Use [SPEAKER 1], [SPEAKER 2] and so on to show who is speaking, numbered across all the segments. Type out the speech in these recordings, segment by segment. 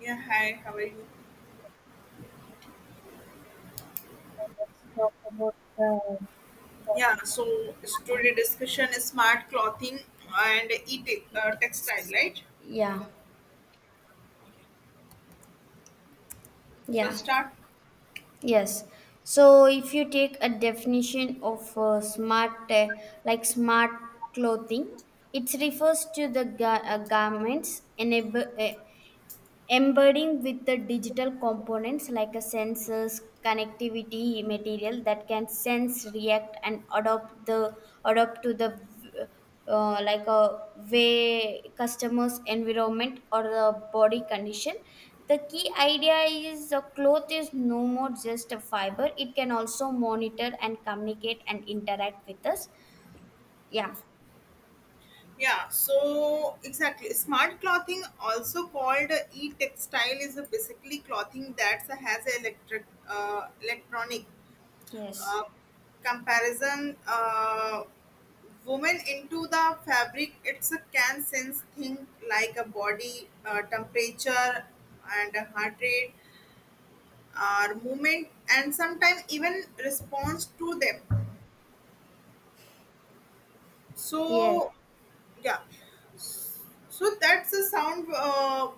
[SPEAKER 1] Yeah, hi, how are you?
[SPEAKER 2] Let's talk about the
[SPEAKER 1] Yeah, so today discussion is smart clothing and e textile, right?
[SPEAKER 2] Yeah,
[SPEAKER 1] So
[SPEAKER 2] yeah,
[SPEAKER 1] start.
[SPEAKER 2] yes. So if you take a definition of smart, like smart clothing, it refers to the garments enable. Embedding with the digital components like a sensors connectivity material that can sense react and adopt the adopt to the like a way customers environment or the body condition. The key idea is a cloth is no more just a fiber, it can also monitor and communicate and interact with us. yeah
[SPEAKER 1] Yeah, so exactly. Smart clothing, also called e textile, is a basically clothing that has a electric electronic
[SPEAKER 2] Yes.
[SPEAKER 1] uh, comparison. Women into the fabric, it's a can sense thing like a body temperature and a heart rate our movement and sometimes even response to them,
[SPEAKER 2] yes
[SPEAKER 1] so yeah so that's a sound uh,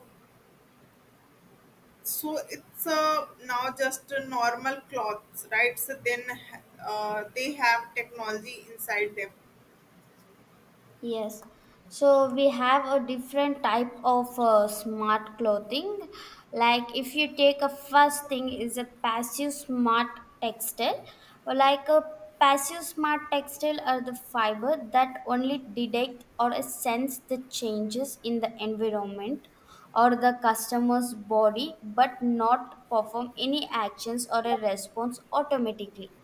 [SPEAKER 1] so it's now just a normal clothes, right? So then they have technology inside them.
[SPEAKER 2] Yes, so we have a different type of smart clothing. Like if you take a first thing is a passive smart textile. Or
[SPEAKER 1] Yeah,
[SPEAKER 2] like a passive smart textile are the fiber that only detect or sense the changes in the environment or the customer's body, but not perform any actions or a response automatically.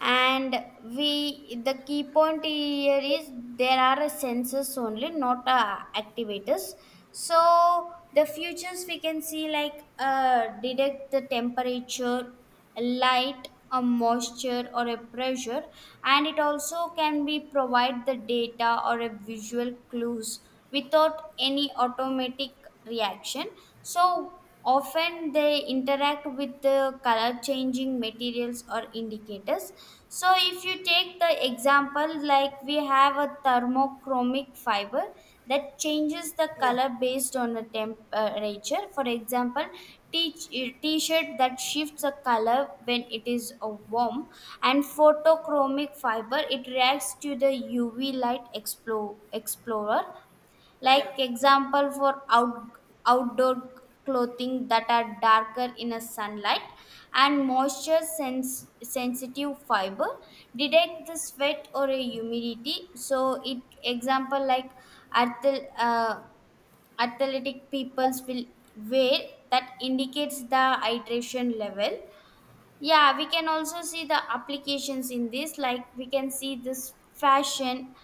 [SPEAKER 2] And we the key point here is there are a sensors only, not activators. So the futures we can see like detect the temperature, light, a moisture or a pressure, and it also can be provide the data or a visual clues without any automatic reaction. So often they interact with the color changing materials or indicators. So if you take the example, like we have a thermochromic fiber that changes the
[SPEAKER 1] yeah,
[SPEAKER 2] color based on the temperature. For example, t-shirt that shifts a color when it is warm. And photochromic fiber, it reacts to the UV light explorer, like
[SPEAKER 1] yeah.
[SPEAKER 2] example for outdoor clothing that are darker in a sunlight. And moisture sensitive fiber detect the sweat or a humidity, so it example like athl- uh, athletic peoples will wear that indicates the hydration level. Yeah, we can also see the applications in this. Like we can see this fashion,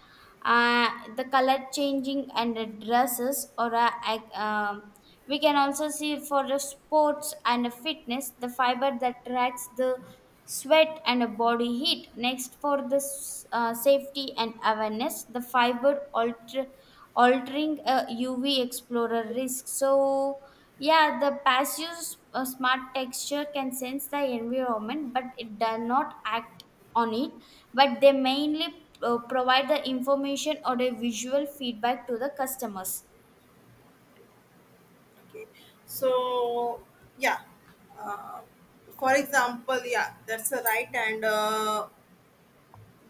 [SPEAKER 2] uh, the color changing and the dresses we can also see for the sports and the fitness the fiber that tracks the sweat and the body heat. Next, for the safety and awareness, the fiber altering a UV explorer risk. So yeah, the passive smart texture can sense the environment, but it does not act on it. But they mainly provide the information or a visual feedback to the customers.
[SPEAKER 1] Okay, so yeah, uh, for example, yeah, that's a right. And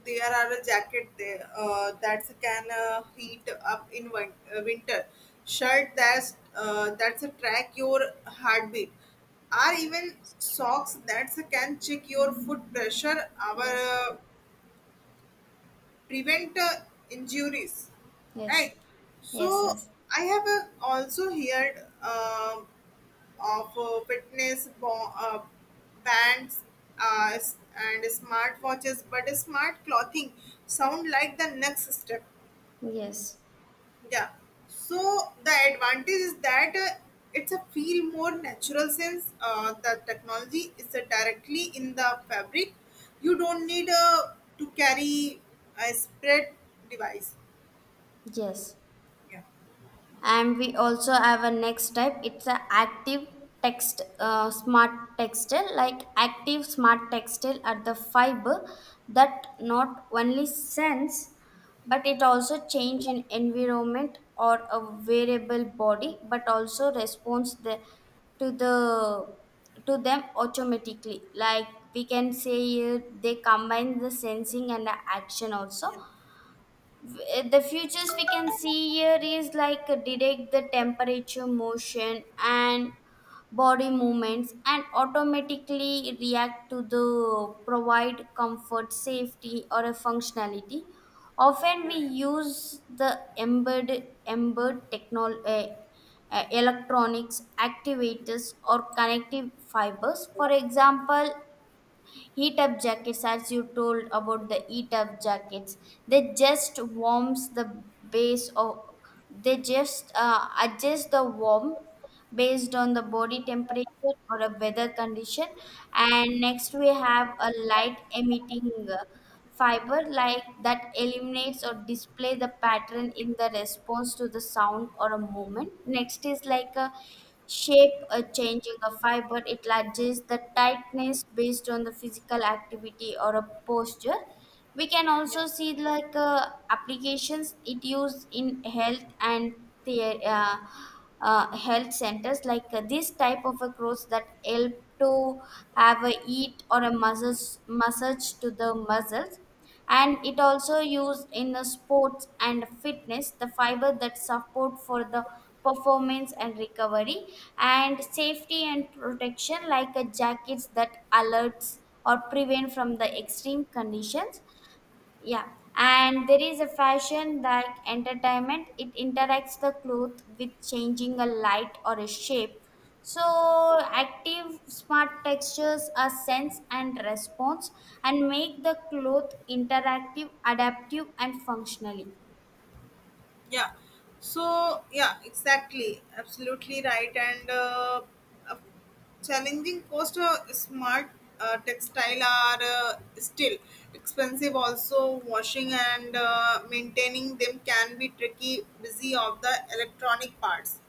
[SPEAKER 1] there are a jacket there that can heat up in winter. Shirt that's a track your heartbeat. Or even socks that can check your foot pressure. Our
[SPEAKER 2] Yes,
[SPEAKER 1] prevent injuries,
[SPEAKER 2] yes,
[SPEAKER 1] right?
[SPEAKER 2] yes,
[SPEAKER 1] So
[SPEAKER 2] yes,
[SPEAKER 1] I have also heard of fitness bands, and smartwatches, but smart clothing sound like the next step.
[SPEAKER 2] yes,
[SPEAKER 1] Yeah. So the advantage is that it's a feel more natural since the technology is directly in the fabric. You don't need to carry a spread device.
[SPEAKER 2] yes.
[SPEAKER 1] Yeah.
[SPEAKER 2] And we also have a next type, it's a active text smart textile. Like active smart textile are the fiber that not only sense but it also change in environment or a variable body, but also responds to the to them automatically. Like we can say they combine the sensing and the action also.
[SPEAKER 1] Yeah.
[SPEAKER 2] The futures we can see here is like detect the temperature, motion and body movements, and automatically react to the provide comfort, safety or a functionality. Often we
[SPEAKER 1] Yeah.
[SPEAKER 2] use the embedded electronics, activators or connective fibers. For example, heat up jackets, as you told about the heat up jackets, they just warms the base of, they just adjust the warmth based on the body temperature or a weather condition. And next we have a light emitting. Fiber like that eliminates or display the pattern in the response to the sound or a movement. Next is like a shape a changing a fiber, it adjusts the tightness based on the physical activity or a posture. We can also see like applications, it used in health and the health centers. Like this type of a clothes that help to have a heat or a massage to the muscles. And it also used in the sports and fitness, the fiber that support for the performance and recovery. And safety and protection, like a jackets that alerts or prevent from the extreme conditions. Yeah, and there is a fashion like entertainment, it interacts the cloth with changing a light or a shape. So active smart textures are sense and response, and make the cloth interactive, adaptive and functionally.
[SPEAKER 1] yeah so yeah, exactly, absolutely right. And uh, challenging cost, smart textile are still expensive. Also washing and maintaining them can be tricky busy of the electronic parts,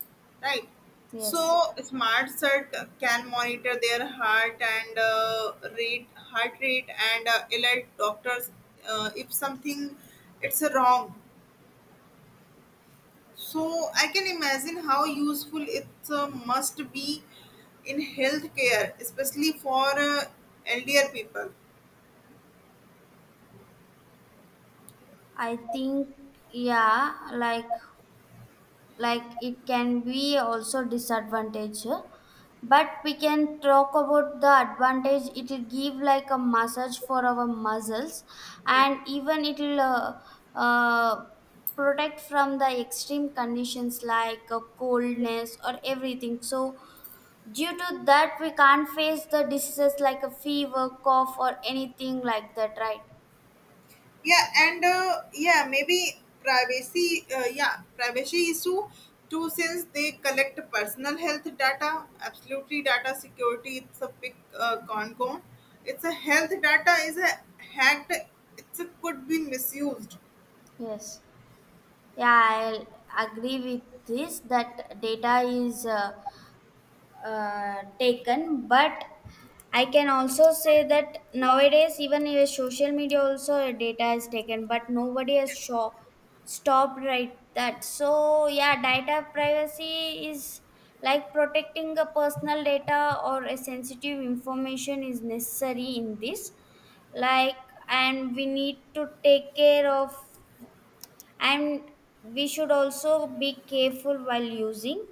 [SPEAKER 1] right?
[SPEAKER 2] Yes,
[SPEAKER 1] So smart cert can monitor their heart rate and alert doctors if something it's wrong. So I can imagine how useful it must be in healthcare, especially for elder people.
[SPEAKER 2] I think. Yeah, like it can be also disadvantage but we can talk about the advantage. It will give like a massage for our muscles, and even it will uh, protect from the extreme conditions like coldness or everything. So due to that, we can't face the diseases like a fever, cough or anything like that, right?
[SPEAKER 1] Yeah, and maybe privacy. Yeah, Privacy issue too, since they collect personal health data. Absolutely, data security. It's a big con. It's a health data is a hacked. It could be misused.
[SPEAKER 2] Yes. Yeah, I'll agree with this, that data is taken, but I can also say that nowadays even your social media also your data is taken, but nobody has stopped, right? That so, yeah, data privacy is like protecting a personal data or a sensitive information is necessary in this. Like, and we need to take care of, and we should also be careful while using.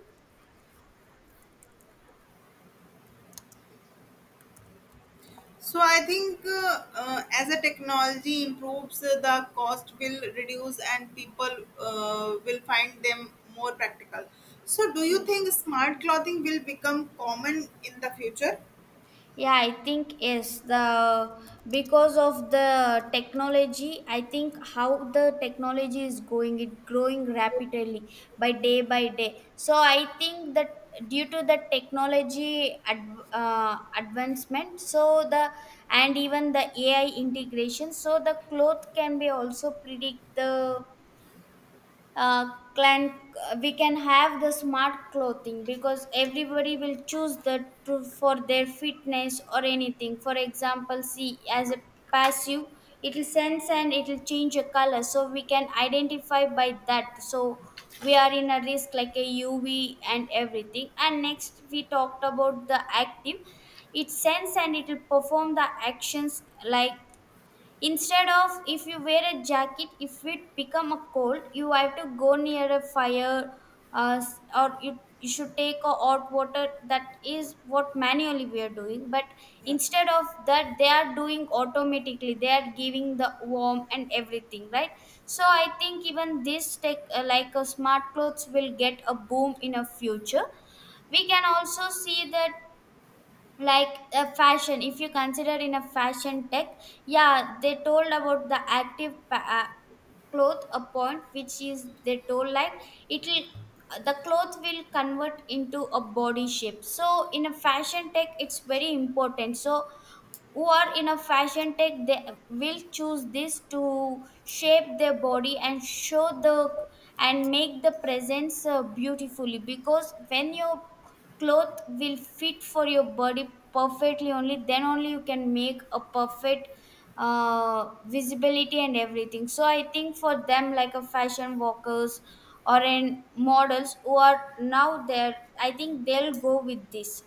[SPEAKER 1] So I think as a technology improves, the cost will reduce and people will find them more practical. So do you
[SPEAKER 2] Yes.
[SPEAKER 1] think smart clothing will become common in the future?
[SPEAKER 2] Yeah, I think yes. The Because of the technology, I think how the technology is going, it growing rapidly by day by day. So I think that due to the advancement, so the, and even the AI integration, so the cloth can be also predict the uh, clan we can have the smart clothing, because everybody will choose the for their fitness or anything. For example, see, as a passive, it will sense and it will change a color, so we can identify by that. So we are in a risk like a UV and everything. And next we talked about the active, it sense and it will perform the actions. Like instead of if you wear a jacket, if it become a cold, you have to go near a fire or you should take a hot water. That is what manually we are doing. But
[SPEAKER 1] Yeah.
[SPEAKER 2] instead of that, they are doing automatically. They are giving the warm and everything, right? So I think even this tech, like a smart clothes, will get a boom in a future. We can also see that like a fashion, if you consider in a fashion tech, yeah, they told about the active cloth a point, which is they told like it will, the cloth will convert into a body shape. So in a fashion tech it's very important. So who are in a fashion tech, they will choose this to shape their body and show the, and make the presence beautifully, because when your cloth will fit for your body perfectly, only then only you can make a perfect visibility and everything. So I think for them, like a fashion walkers or in models who are now there, I think they'll go with this.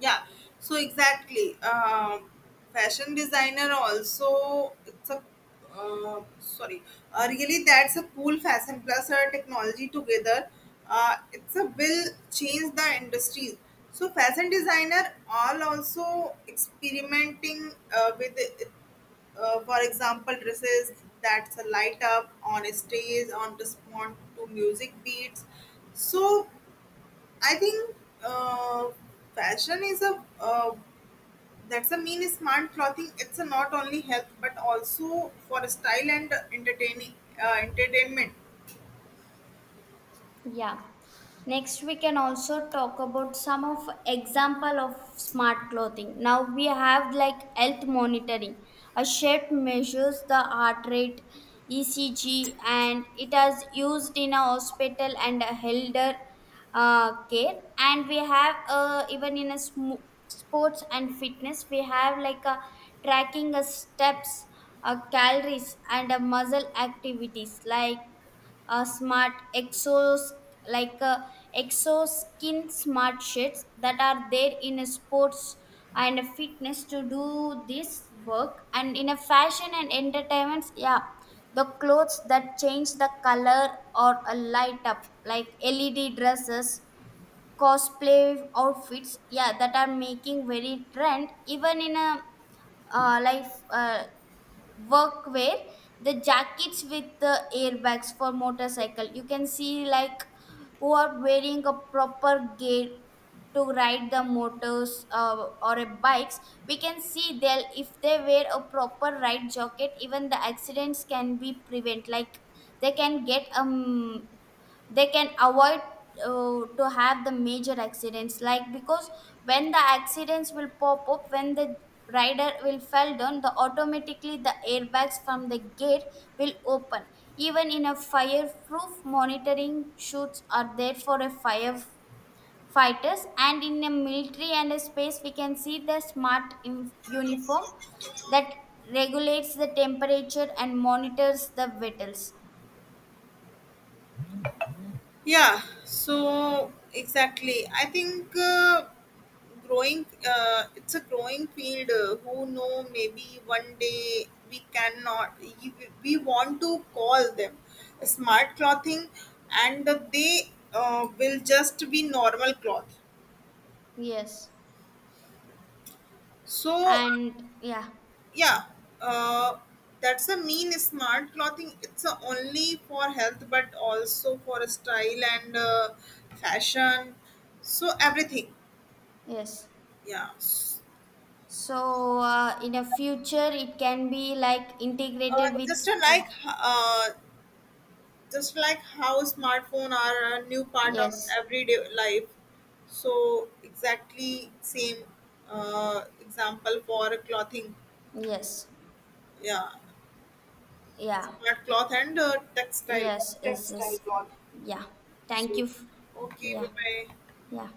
[SPEAKER 1] yeah so exactly. Fashion designer also, it's a sorry, really that's a cool, fashion plus her technology together, it's a will change the industry. So fashion designer are also experimenting with, for example, dresses that's a light up on a stage on respond to music beats. So I think uh, fashion is a that's a mean smart clothing. It's a not only health but also for style and entertaining, entertainment.
[SPEAKER 2] Yeah. Next, we can also talk about some of example of smart clothing. Now we have like health monitoring. A shirt measures the heart rate, ECG, and it has used in a hospital and a elder care. And we have even in a sports and fitness, we have like a tracking a steps, a calories, and a muscle activities. Like smart exos, like exoskin smart sheets that are there in a sports and a fitness to do this work. And in a fashion and entertainment, yeah, the clothes that change the color or a light up, like LED dresses, cosplay outfits, yeah, that are making very trend. Even in a life workwear, the jackets with the airbags for motorcycle. You can see like who are wearing a proper gear to ride the motors or a bikes. We can see they'll, if they wear a proper ride jacket, even the accidents can be prevent. Like they can get um, they can avoid to have the major accidents, like because when the accidents will pop up, when the rider will fell down, the automatically the airbags from the gate will open. Even in a fireproof monitoring shoots are there for a fire fighters. And in a military and a space, we can see the smart uniform that regulates the temperature and monitors the vitals.
[SPEAKER 1] Yeah. So exactly, I think growing it's a growing field. Who know? Maybe one day we cannot. We want to call them smart clothing, and they will just be normal cloth.
[SPEAKER 2] Yes,
[SPEAKER 1] So
[SPEAKER 2] and yeah.
[SPEAKER 1] yeah, uh, that's a mean smart clothing, it's a only for health but also for style and fashion, so everything.
[SPEAKER 2] Yes.
[SPEAKER 1] Yeah. S-
[SPEAKER 2] So in a future, it can be like
[SPEAKER 1] uh,
[SPEAKER 2] integrated with.
[SPEAKER 1] just a
[SPEAKER 2] Yeah.
[SPEAKER 1] like, just like how smartphone are a new part of
[SPEAKER 2] Yes.
[SPEAKER 1] everyday life, so exactly same example for clothing.
[SPEAKER 2] Yes.
[SPEAKER 1] Yeah,
[SPEAKER 2] Yeah.
[SPEAKER 1] smart cloth and textile.
[SPEAKER 2] Yes.
[SPEAKER 1] Take
[SPEAKER 2] Yes. Yes. Yeah. Thank you.
[SPEAKER 1] okay bye
[SPEAKER 2] Yeah.
[SPEAKER 1] bye.
[SPEAKER 2] Yeah.